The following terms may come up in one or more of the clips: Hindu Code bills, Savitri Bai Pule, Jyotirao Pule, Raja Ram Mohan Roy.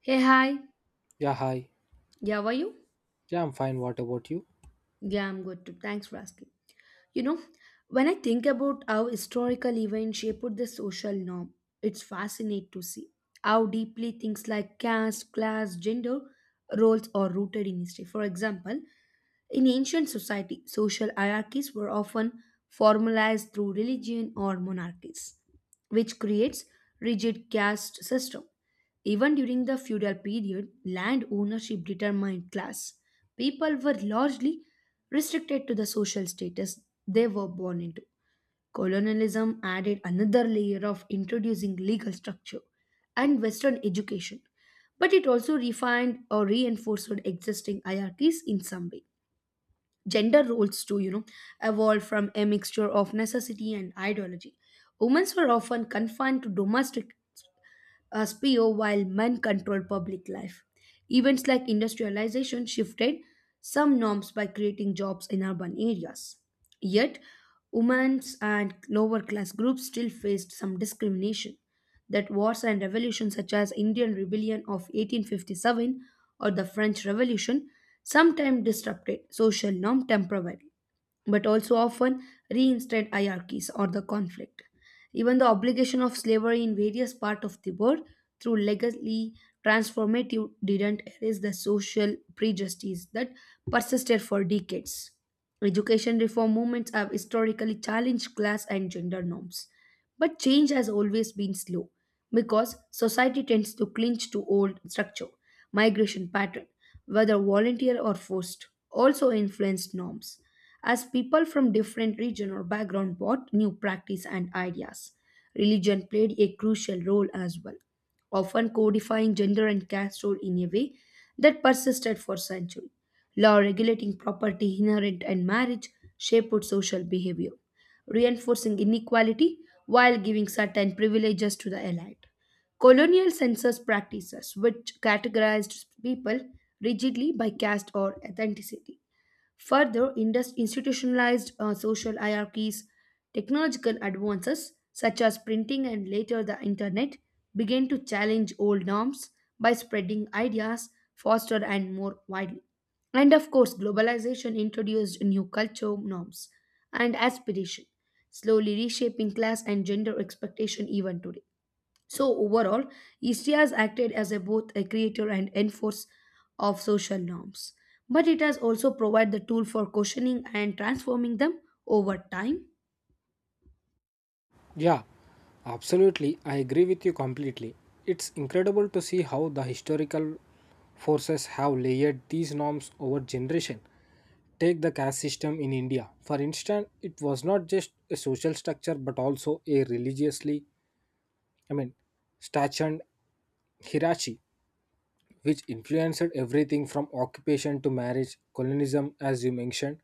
Hey, hi. Yeah, hi. Yeah, how are you? Yeah, I'm fine. What about you? Yeah, I'm good too. Thanks for asking. You know, when I think about how historical events shaped the social norm, it's fascinating to see how deeply things like caste, class, gender roles are rooted in history. For example, in ancient society, social hierarchies were often formalized through religion or monarchies, which creates rigid caste system. Even during the feudal period, land ownership determined class. People were largely restricted to the social status they were born into. Colonialism added another layer of introducing legal structure and Western education, but it also refined or reinforced existing hierarchies in some way. Gender roles, too, evolved from a mixture of necessity and ideology. Women were often confined to domestic as PO while men controlled public life. Events like industrialization shifted some norms by creating jobs in urban areas. Yet, women's and lower class groups still faced some discrimination. That wars and revolutions such as Indian Rebellion of 1857 or the French Revolution sometimes disrupted social norm temporarily, but also often reinstated hierarchies or the conflict. Even the obligation of slavery in various parts of the world through legally transformative didn't erase the social prejudices that persisted for decades. Education reform movements have historically challenged class and gender norms. But change has always been slow because society tends to cling to old structure, migration pattern, whether volunteer or forced, also influenced norms as people from different region or background brought new practice and ideas. Religion played a crucial role as well, often codifying gender and caste role in a way that persisted for centuries. Law regulating property, inheritance, and marriage shaped social behavior, reinforcing inequality while giving certain privileges to the elite. Colonial census practices, which categorized people rigidly by caste or ethnicity further, institutionalized social hierarchies, technological advances such as printing and later the internet began to challenge old norms by spreading ideas faster and more widely. And of course, globalization introduced new culture norms and aspiration, slowly reshaping class and gender expectation even today. So overall, history has acted as a, both a creator and enforcer of social norms, but it has also provided the tool for questioning and transforming them over time. Yeah, absolutely. I agree with you completely. It's incredible to see how the historical forces have layered these norms over generation. Take the caste system in India. For instance, it was not just a social structure but also a religiously, I mean, statued hierarchy, which influenced everything from occupation to marriage, colonialism, as you mentioned,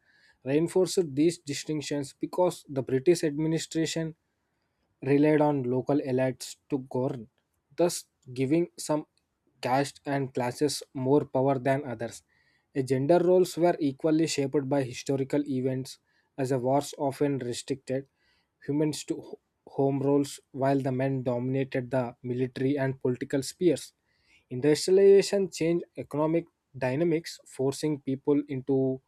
reinforced these distinctions because the British administration relied on local elites to govern, thus giving some castes and classes more power than others. A gender roles were equally shaped by historical events, as the wars often restricted women to ho- home roles while the men dominated the military and political spheres. Industrialization changed economic dynamics, forcing people into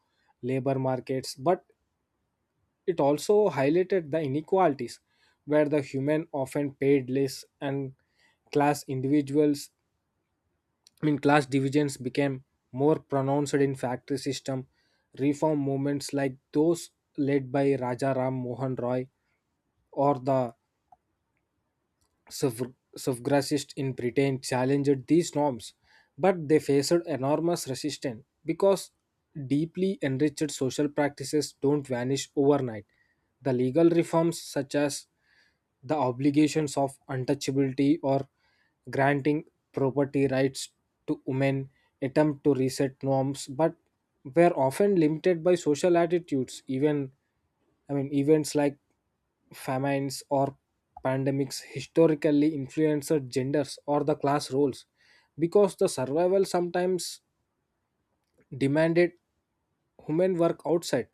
labor markets, but it also highlighted the inequalities where the human often paid less and class individuals, I mean, class divisions became more pronounced in factory system. Reform movements like those led by Raja Ram Mohan Roy or the suffragists in Britain challenged these norms, but they faced enormous resistance because deeply enriched social practices don't vanish overnight. The legal reforms, such as the obligations of untouchability or granting property rights to women, attempt to reset norms, but were often limited by social attitudes, even events like famines or pandemics historically influenced genders or the class roles because the survival sometimes demanded women work outside,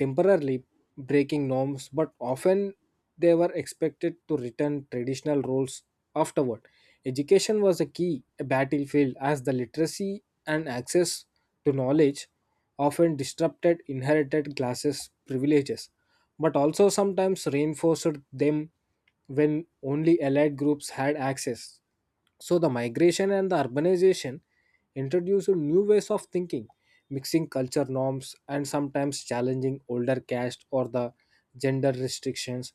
temporarily breaking norms, but often they were expected to return traditional roles afterward. Education was a key battlefield as the literacy and access to knowledge often disrupted inherited classes' privileges, but also sometimes reinforced them when only allied groups had access. So the migration and the urbanization introduced new ways of thinking, mixing culture norms and sometimes challenging older caste or the gender restrictions.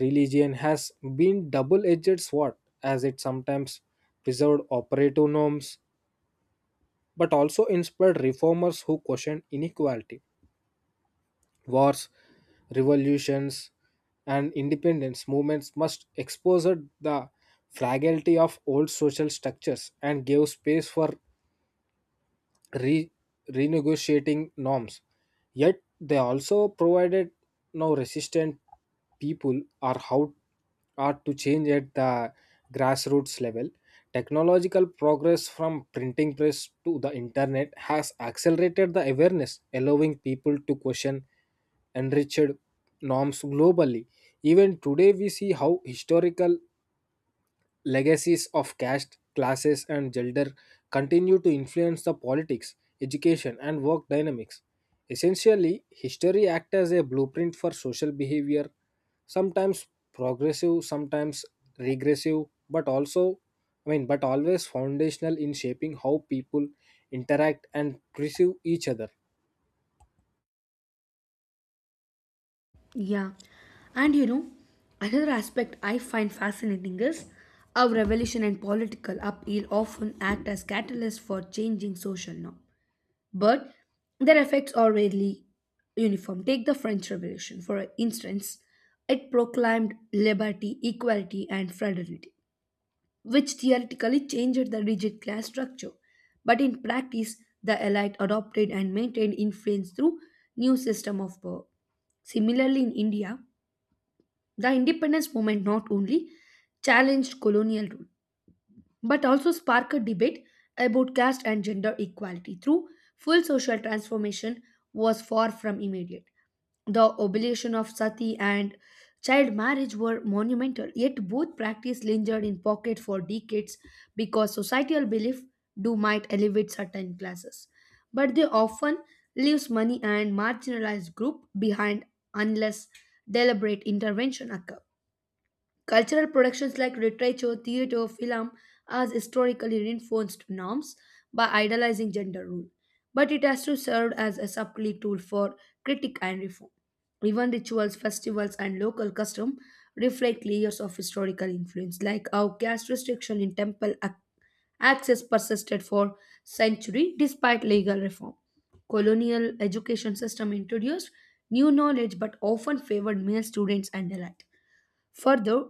Religion has been double-edged sword as it sometimes preserved operative norms but also inspired reformers who questioned inequality. Wars, revolutions, and independence movements must expose the fragility of old social structures and gave space for re- renegotiating norms. Yet they also provided Now, resistant people are how are to change at the grassroots level. Technological progress from printing press to the internet has accelerated the awareness, allowing people to question enriched norms globally. Even today, we see how historical legacies of caste, classes, and gender continue to influence the politics, education, and work dynamics. Essentially, history acts as a blueprint for social behavior, sometimes progressive, sometimes regressive, but also, I mean, but always foundational in shaping how people interact and perceive each other. Yeah, and another aspect I find fascinating is how revolution and political upheaval often act as catalysts for changing social norms, but their effects are rarely uniform. Take the French Revolution, for instance, it proclaimed liberty, equality, and fraternity, which theoretically changed the rigid class structure, but in practice, the elite adopted and maintained influence through new system of power. Similarly, in India, the independence movement not only challenged colonial rule but also sparked a debate about caste and gender equality through full social transformation was far from immediate. The abolition of sati and child marriage were monumental, yet both practice lingered in pocket for decades because societal belief do might elevate certain classes, but they often leaves money and marginalized group behind unless deliberate intervention occurs. Cultural productions like literature, theater, film has historically reinforced norms by idolizing gender rule, but it has to serve as a subtly tool for critique and reform. Even rituals, festivals, and local custom reflect layers of historical influence, like how caste restriction in temple access persisted for centuries despite legal reform. Colonial education system introduced new knowledge but often favored male students and allied. Further,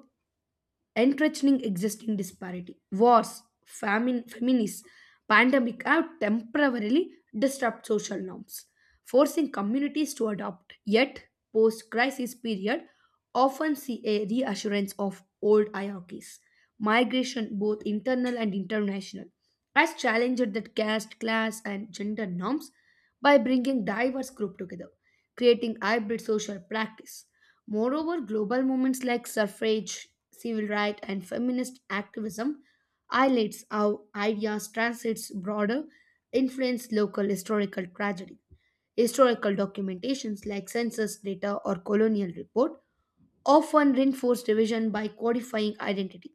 entrenching existing disparity. Wars, famines, pandemic have temporarily disrupted social norms, forcing communities to adopt. Yet, post-crisis period often see a reassurance of old hierarchies. Migration, both internal and international, has challenged the caste, class, and gender norms by bringing diverse groups together, creating hybrid social practice. Moreover, global movements like suffrage, civil rights, and feminist activism highlights how ideas transits broader influence local historical tragedy. Historical documentations like census data or colonial report often reinforce division by codifying identity,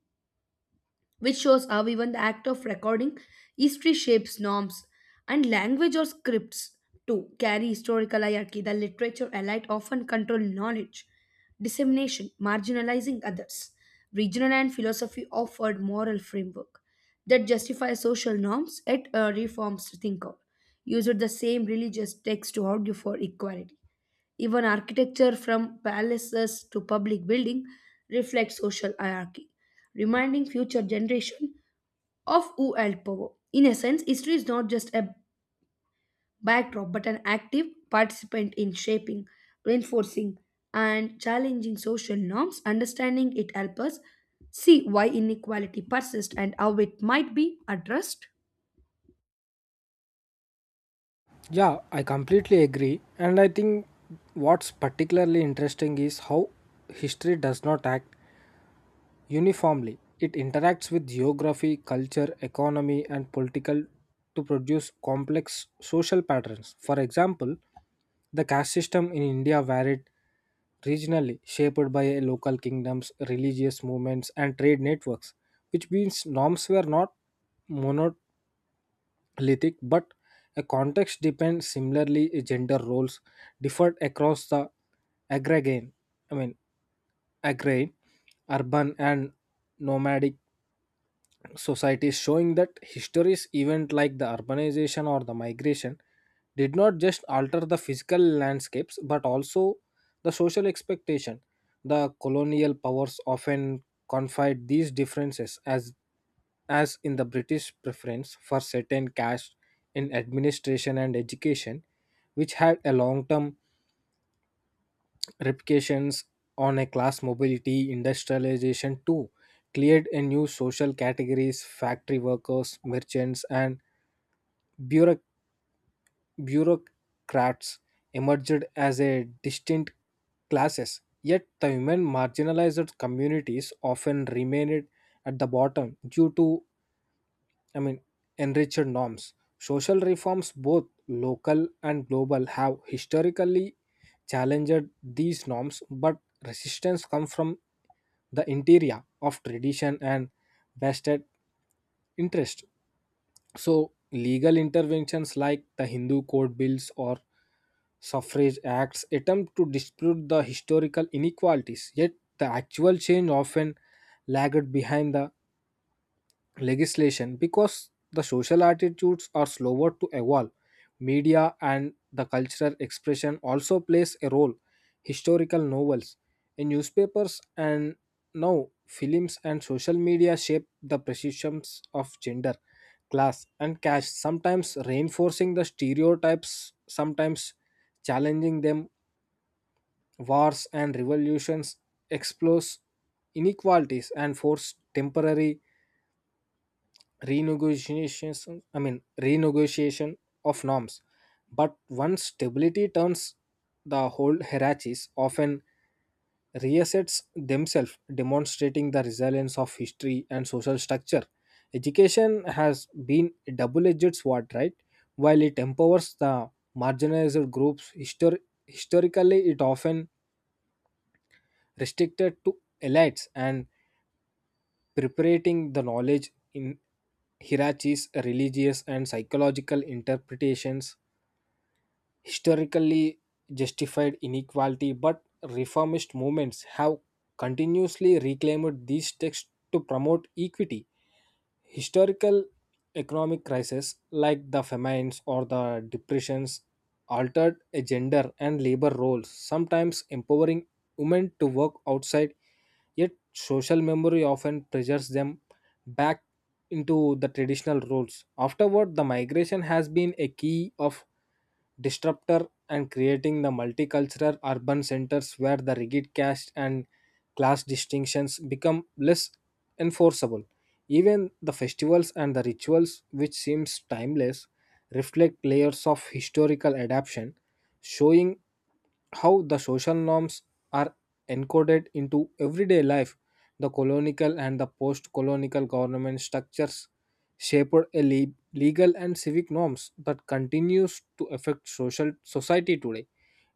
which shows how even the act of recording history shapes norms. And language or scripts too carry historical hierarchy. The literature elite often control knowledge dissemination, marginalizing others. Regional and philosophy offered moral framework that justify social norms at a reformed thinker used the same religious text to argue for equality. Even architecture from palaces to public building reflects social hierarchy, reminding future generation of who held power. In a sense, history is not just a backdrop but an active participant in shaping, reinforcing, and challenging social norms. Understanding it helps us see why inequality persists and how it might be addressed. Yeah, I completely agree. And I think what's particularly interesting is how history does not act uniformly, it interacts with geography, culture, economy, and political to produce complex social patterns. For example, the caste system in India varied regionally, shaped by a local kingdoms, religious movements, and trade networks, which means norms were not monolithic but a context depends similarly gender roles differed across the agrarian I mean agrarian urban and nomadic society is showing that histories event like the urbanization or the migration did not just alter the physical landscapes but also the social expectation the colonial powers often confide these differences as in the british preference for certain caste in administration and education which had a long term reputations on a class mobility industrialization too cleared a new social categories factory workers merchants and bureauc- bureaucrats emerged as a distinct classes yet the women marginalized communities often remained at the bottom due to i mean enriched norms social reforms both local and global have historically challenged these norms but resistance come from the interior of tradition and vested interest. So, legal interventions like the Hindu Code bills or suffrage acts attempt to dispute the historical inequalities, yet the actual change often lagged behind the legislation because the social attitudes are slower to evolve media and the cultural expression also plays a role historical novels in newspapers and now films and social media shape the perceptions of gender class and caste sometimes reinforcing the stereotypes sometimes challenging them wars and revolutions expose inequalities and force temporary renegotiations I mean renegotiation of norms but once stability turns the whole hierarchies often reassets themselves demonstrating the resilience of history and social structure education has been a double-edged sword right while it empowers the marginalized groups historically it often restricted to elites and preparing the knowledge in Hirachi's religious and psychological interpretations historically justified inequality, but reformist movements have continuously reclaimed these texts to promote equity. Historical economic crises like the famines or the depressions altered a gender and labor roles, sometimes empowering women to work outside, yet social memory often pressures them back into the traditional roles. Afterward, the migration has been a key of disruptor and creating the multicultural urban centers where the rigid caste and class distinctions become less enforceable. Even the festivals and the rituals, which seems timeless, reflect layers of historical adaptation, showing how the social norms are encoded into everyday life. The colonial and the post colonial government structures shaped a legal and civic norms that continues to affect social society today.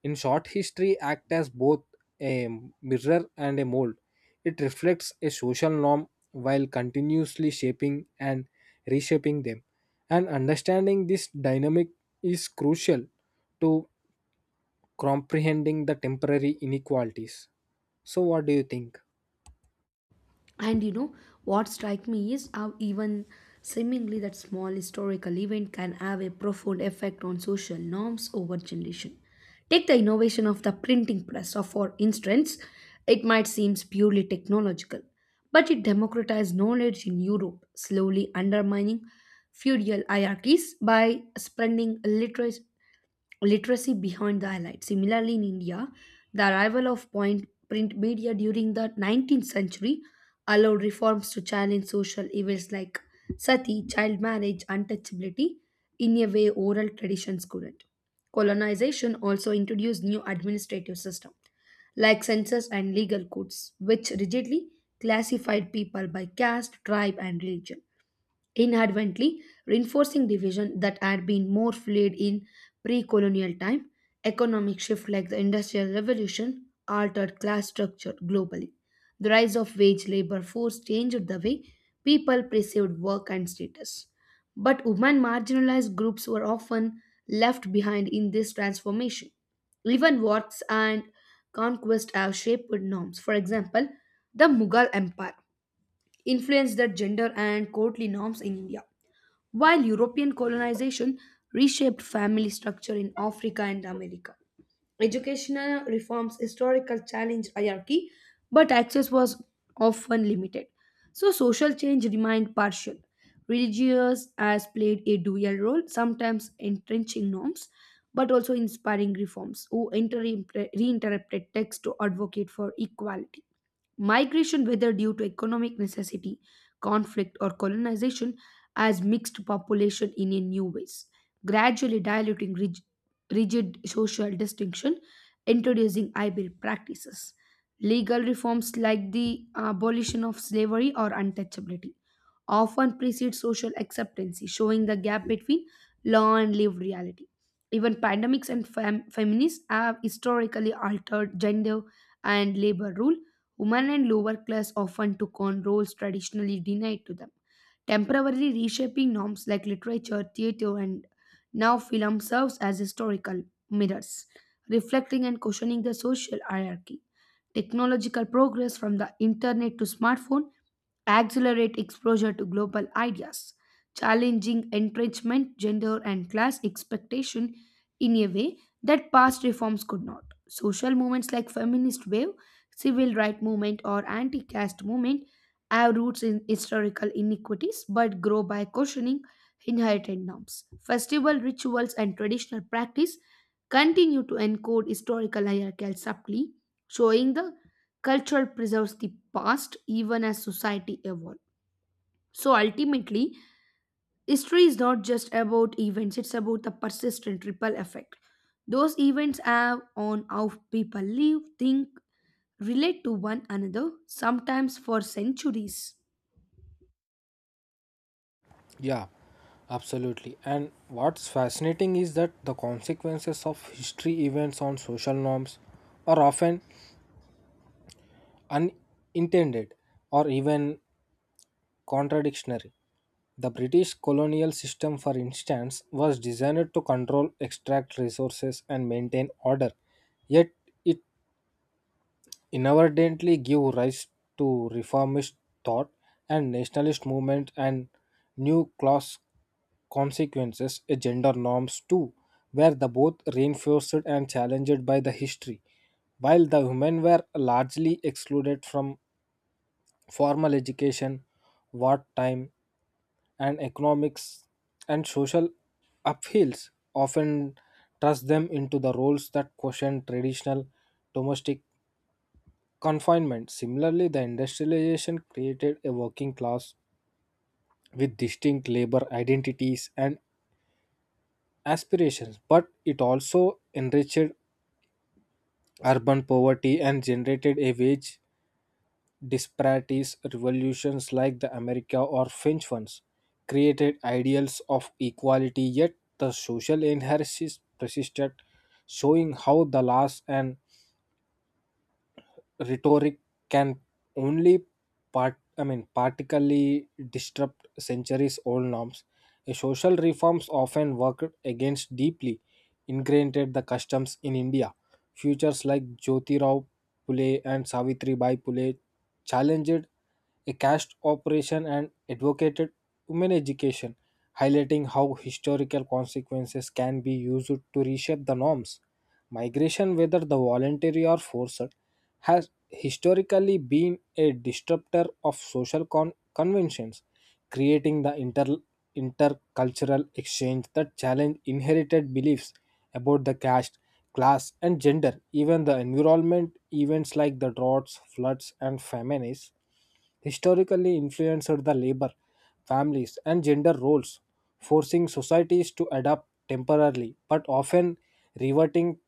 In short, history acts as both a mirror and a mold. It reflects a social norm while continuously shaping and reshaping them. And understanding this dynamic is crucial to comprehending the temporary inequalities. So, what do you think? And you know what strikes me is how even seemingly that small historical event can have a profound effect on social norms over generation. Take the innovation of the printing press, or for instance, it might seem purely technological, but it democratized knowledge in Europe, slowly undermining feudal hierarchies by spreading literacy behind the highlight. Similarly, in India, the arrival of point print media during the 19th century allowed reforms to challenge social evils like sati, child marriage, untouchability in a way oral traditions couldn't. Colonization also introduced new administrative systems like census and legal codes, which rigidly classified people by caste, tribe, and religion, inadvertently reinforcing division that had been more fluid in pre-colonial time. Economic shift like the industrial revolution altered class structure globally. The rise of wage labor force changed the way people perceived work and status, but women marginalized groups were often left behind in this transformation. Even wars and conquest have shaped norms. For example, the Mughal empire influenced the gender and courtly norms in India, while European colonization reshaped family structure in Africa and America. Educational reforms, historical challenge hierarchy, but access was often limited. So social change remained partial. Religious has played a dual role, sometimes entrenching norms, but also inspiring reforms who reinterpreted texts to advocate for equality. Migration, whether due to economic necessity, conflict, or colonization, has mixed population in a new ways, gradually diluting rigid social distinction, introducing hybrid practices. Legal reforms like the abolition of slavery or untouchability often precede social acceptance, showing the gap between law and lived reality. Even pandemics and feminists have historically altered gender and labor rule. Women and lower class often took on roles traditionally denied to them, temporarily reshaping norms. Like literature, theatre, and now film serves as historical mirrors, reflecting and questioning the social hierarchy. Technological progress from the internet to smartphone accelerate exposure to global ideas, challenging entrenchment, gender, and class expectation in a way that past reforms could not. Social movements like feminist wave, civil rights movement, or anti-caste movement have roots in historical inequities but grow by questioning inherited norms. Festival rituals and traditional practice continue to encode historical hierarchies subtly, showing the culture preserves the past even as society evolves. So ultimately, history is not just about events, it's about the persistent ripple effect. Those events have on how people live, think, relate to one another, sometimes for centuries. Yeah, absolutely. And what's fascinating is that the consequences of history events on social norms are often unintended or even contradictory. The British colonial system, for instance, was designed to control, extract resources, and maintain order, yet it inadvertently give rise to reformist thought and nationalist movement and new class consequences a gender norms too were the both reinforced and challenged by the history while the women were largely excluded from formal education wartime and economics and social upheavals often thrust them into the roles that question traditional domestic confinement. Similarly, the industrialization created a working class with distinct labor identities and aspirations, but it also enriched urban poverty and generated a wage disparities. Revolutions like the America or French ones created ideals of equality, yet the social inheritance persisted, showing how the last and rhetoric can only partially disrupt centuries old norms. A social reforms often worked against deeply ingrained the customs in India. Futures like Jyotirao Pule and Savitri Bai Pule challenged a caste operation and advocated women education, highlighting how historical consequences can be used to reshape the norms. Migration, whether the voluntary or forced, has historically been a disruptor of social conventions, creating the intercultural exchange that challenge inherited beliefs about the caste class, and gender, even the environment, events like the droughts, floods, and famines historically influenced the labor, families, and gender roles, forcing societies to adapt temporarily but often reverting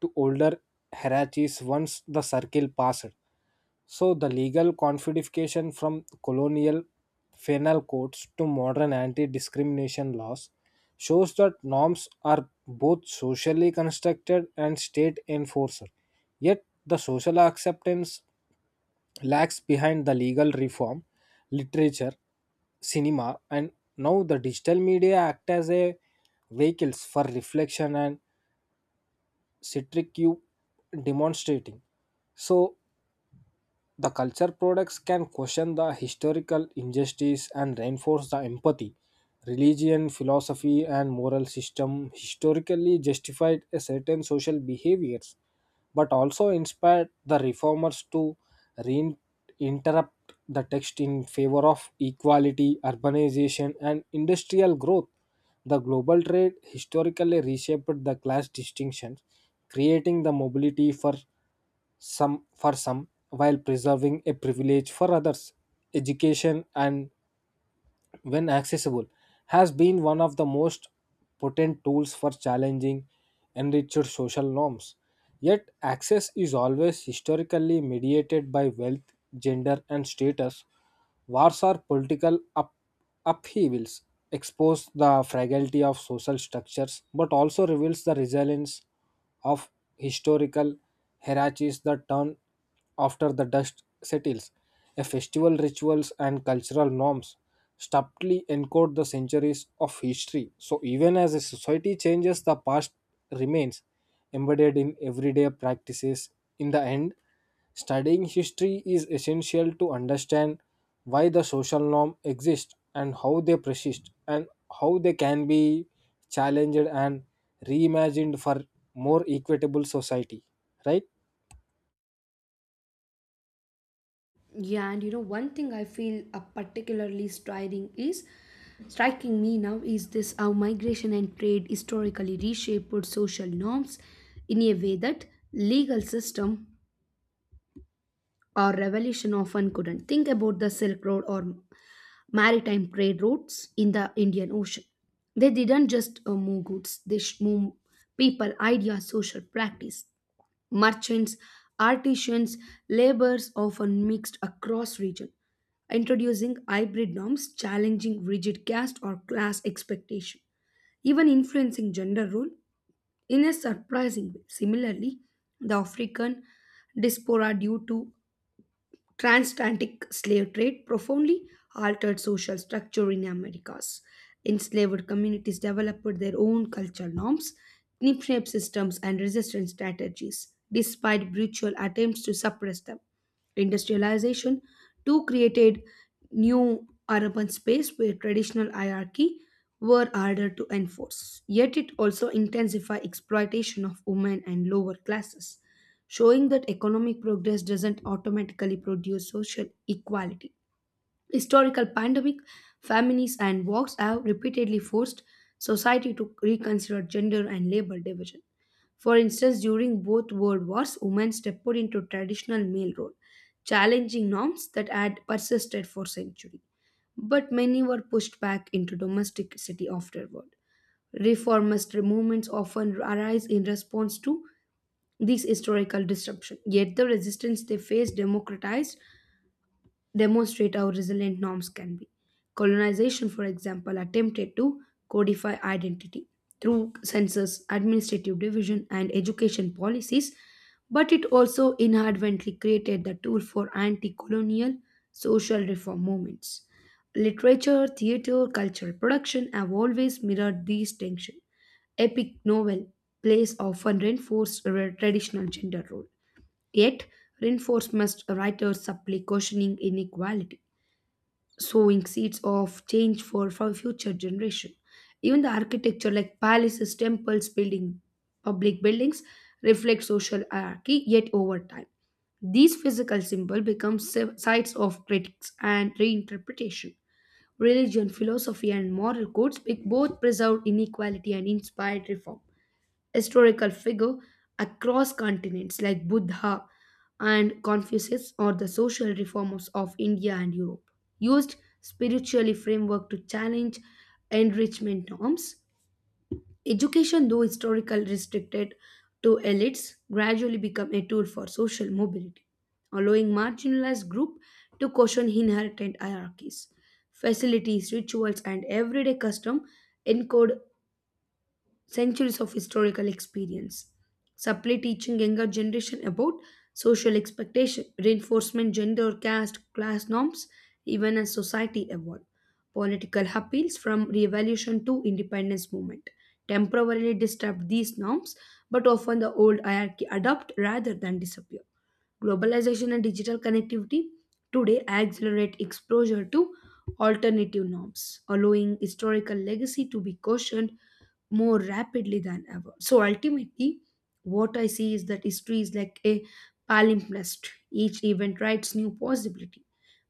to older hierarchies once the circle passed. So the legal codification from colonial penal codes to modern anti-discrimination laws shows that norms are both socially constructed and state enforcer. Yet the social acceptance lags behind the legal reform, literature, cinema, and now the digital media act as a vehicles for reflection and citric you demonstrating. So the culture products can question the historical injustice and reinforce the empathy. Religion, philosophy, and moral system historically justified a certain social behaviors, but also inspired the reformers to reinterrupt the text in favor of equality, urbanization, and industrial growth. The global trade historically reshaped the class distinctions, creating the mobility for some while preserving a privilege for others education and when accessible has been one of the most potent tools for challenging enriched social norms yet access is always historically mediated by wealth gender and status wars or political upheavals expose the fragility of social structures but also reveals the resilience of historical hierarchies that turn after the dust settles. A festival rituals and cultural norms subtly encode the centuries of history. So even as a society changes, the past remains embedded in everyday practices. In the end, studying history is essential to understand why the social norm exists and how they persist and how they can be challenged and reimagined for more equitable society, right? Yeah, and one thing I feel particularly striking me now is this how migration and trade historically reshaped social norms in a way that legal system or revolution often couldn't. Think about the Silk Road or maritime trade routes in the Indian Ocean. They didn't just move goods, they move people, ideas, social practice. Merchants, artisans, laborers often mixed across region, introducing hybrid norms, challenging rigid caste or class expectation, even influencing gender role in a surprising way. Similarly, the African diaspora due to Transatlantic slave trade profoundly altered social structure in Americas. Enslaved communities developed their own cultural norms, kinship systems, and resistance strategies, despite brutal attempts to suppress them. Industrialization too created new urban space where traditional hierarchy were harder to enforce. Yet it also intensified exploitation of women and lower classes, showing that economic progress doesn't automatically produce social equality. Historical pandemic, famines, and wars have repeatedly forced society to reconsider gender and labor division. For instance, during both world wars, women stepped into traditional male role, challenging norms that had persisted for centuries. But many were pushed back into domesticity afterward. Reformist movements often arise in response to these historical disruption. Yet the resistance they face democratized demonstrate how resilient norms can be. Colonization, for example, attempted to codify identity through census, administrative division, and education policies, but it also inadvertently created the tool for anti-colonial social reform movements. Literature, theater, cultural production have always mirrored these tensions. Epic novel plays often reinforce a traditional gender role. Yet, reinforcements writers supply questioning inequality, sowing seeds of change for future generation. Even the architecture like palaces, temples, building, public buildings reflect social hierarchy. Yet over time, these physical symbols become sites of critics and reinterpretation. Religion, philosophy, and moral codes both preserved inequality and inspired reform. Historical figure across continents like Buddha and Confucius or the social reformers of India and Europe used spiritually framework to challenge enrichment norms. Education, though historical restricted to elites, gradually became a tool for social mobility, allowing marginalized groups to question inherent hierarchies. Facilities, rituals, and everyday custom encode centuries of historical experience. Supply teaching younger generation about social expectation, reinforcement, gender, caste, class norms, even as society evolve. Political appeals from revolution to independence movement temporarily disrupt these norms, but often the old hierarchy adopt rather than disappear. Globalization and digital connectivity today accelerate exposure to alternative norms, allowing historical legacy to be cautioned more rapidly than ever. So ultimately, what I see is that history is like a palimpsest. Each event writes new possibility.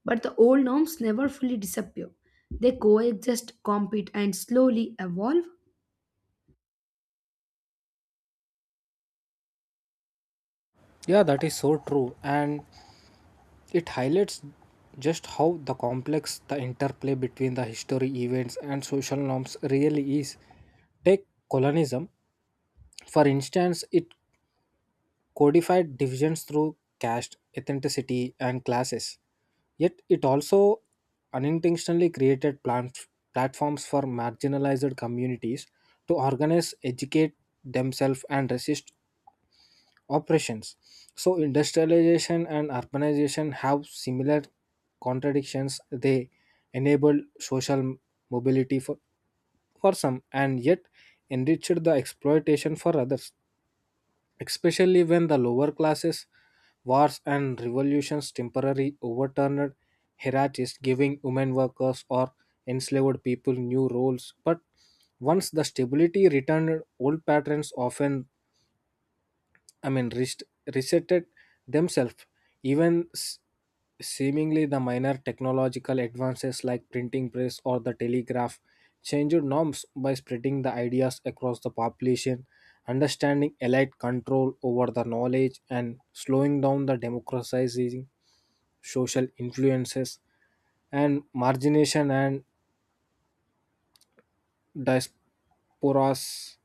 But the old norms never fully disappear. They coexist, compete, and slowly evolve. Yeah, that is so true. And it highlights just how the complex the interplay between the history events and social norms really is. Take colonialism, for instance, it codified divisions through caste, ethnicity, and classes. Yet it also unintentionally created platforms for marginalized communities to organize, educate themselves, and resist operations. So, industrialization and urbanization have similar contradictions. They enable social mobility for some and yet enriched the exploitation for others, especially when the lower classes, wars, and revolutions temporarily overturned hierarchies, giving women workers or enslaved people new roles. But once the stability returned, old patterns often I mean, rest, resetted themselves. Even seemingly the minor technological advances like printing press or the telegraph changed norms by spreading the ideas across the population, understanding elite control over the knowledge, and slowing down the democratizing social influences and margination and diasporas.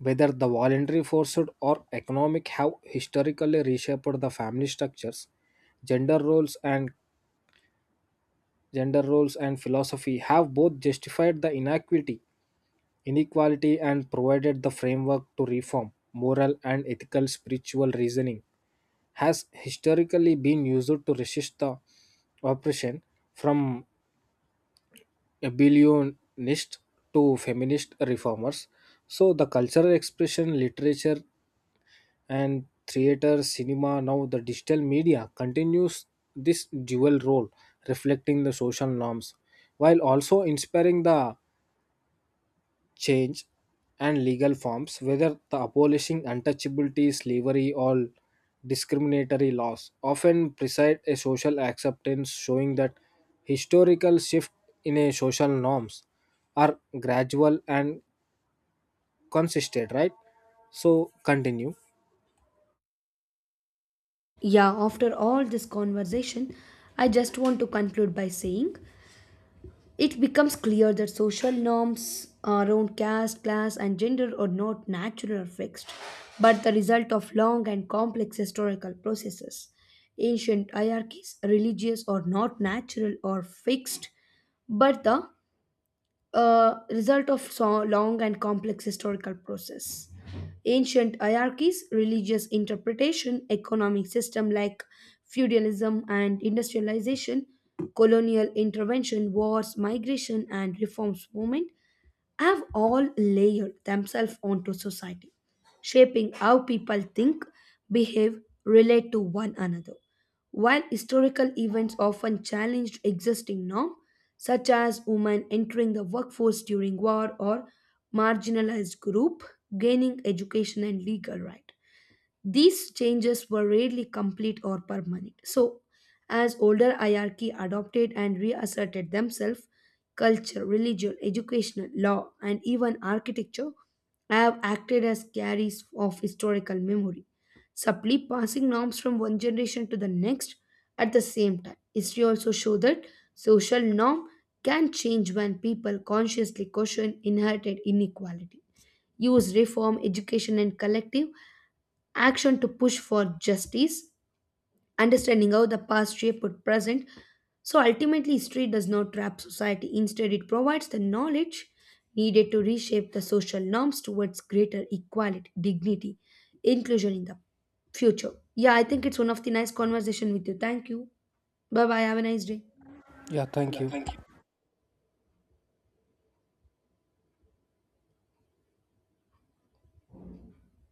Whether the voluntary forced or economic have historically reshaped the family structures, gender roles and gender roles and philosophy have both justified the inequality and provided the framework to reform. Moral and ethical spiritual reasoning has historically been used to resist the oppression from abolitionist to feminist reformers. So the cultural expression, literature, and theater, cinema, now the digital media continues this dual role, reflecting the social norms, while also inspiring the change and legal forms, whether the abolishing untouchability, slavery, or discriminatory laws, often preside a social acceptance, showing that historical shift in a social norms are gradual and consistent, right? So continue. Yeah, after all this conversation, I just want to conclude by saying it becomes clear that social norms around caste, class, and gender are not natural or fixed, but the result of long and complex historical processes. Ancient hierarchies, religious, or not natural or fixed, but the a result of so long and complex historical process. Ancient hierarchies, religious interpretation, economic system like feudalism and industrialization, colonial intervention, wars, migration, and reforms movement have all layered themselves onto society, shaping how people think, behave, relate to one another. While historical events often challenged existing norms, such as women entering the workforce during war or marginalized group gaining education and legal right, these changes were rarely complete or permanent. So, as older hierarchy adopted and reasserted themselves, culture, religion, educational, law, and even architecture have acted as carriers of historical memory, subtly passing norms from one generation to the next at the same time. History also shows that social norm can change when people consciously question inherited inequality, use reform, education, and collective action to push for justice, understanding how the past shaped present. So ultimately, history does not trap society. Instead, it provides the knowledge needed to reshape the social norms towards greater equality, dignity, inclusion in the future. Yeah, I think it's one of the nice conversation with you. Thank you. Bye bye. Have a nice day. Yeah, thank you.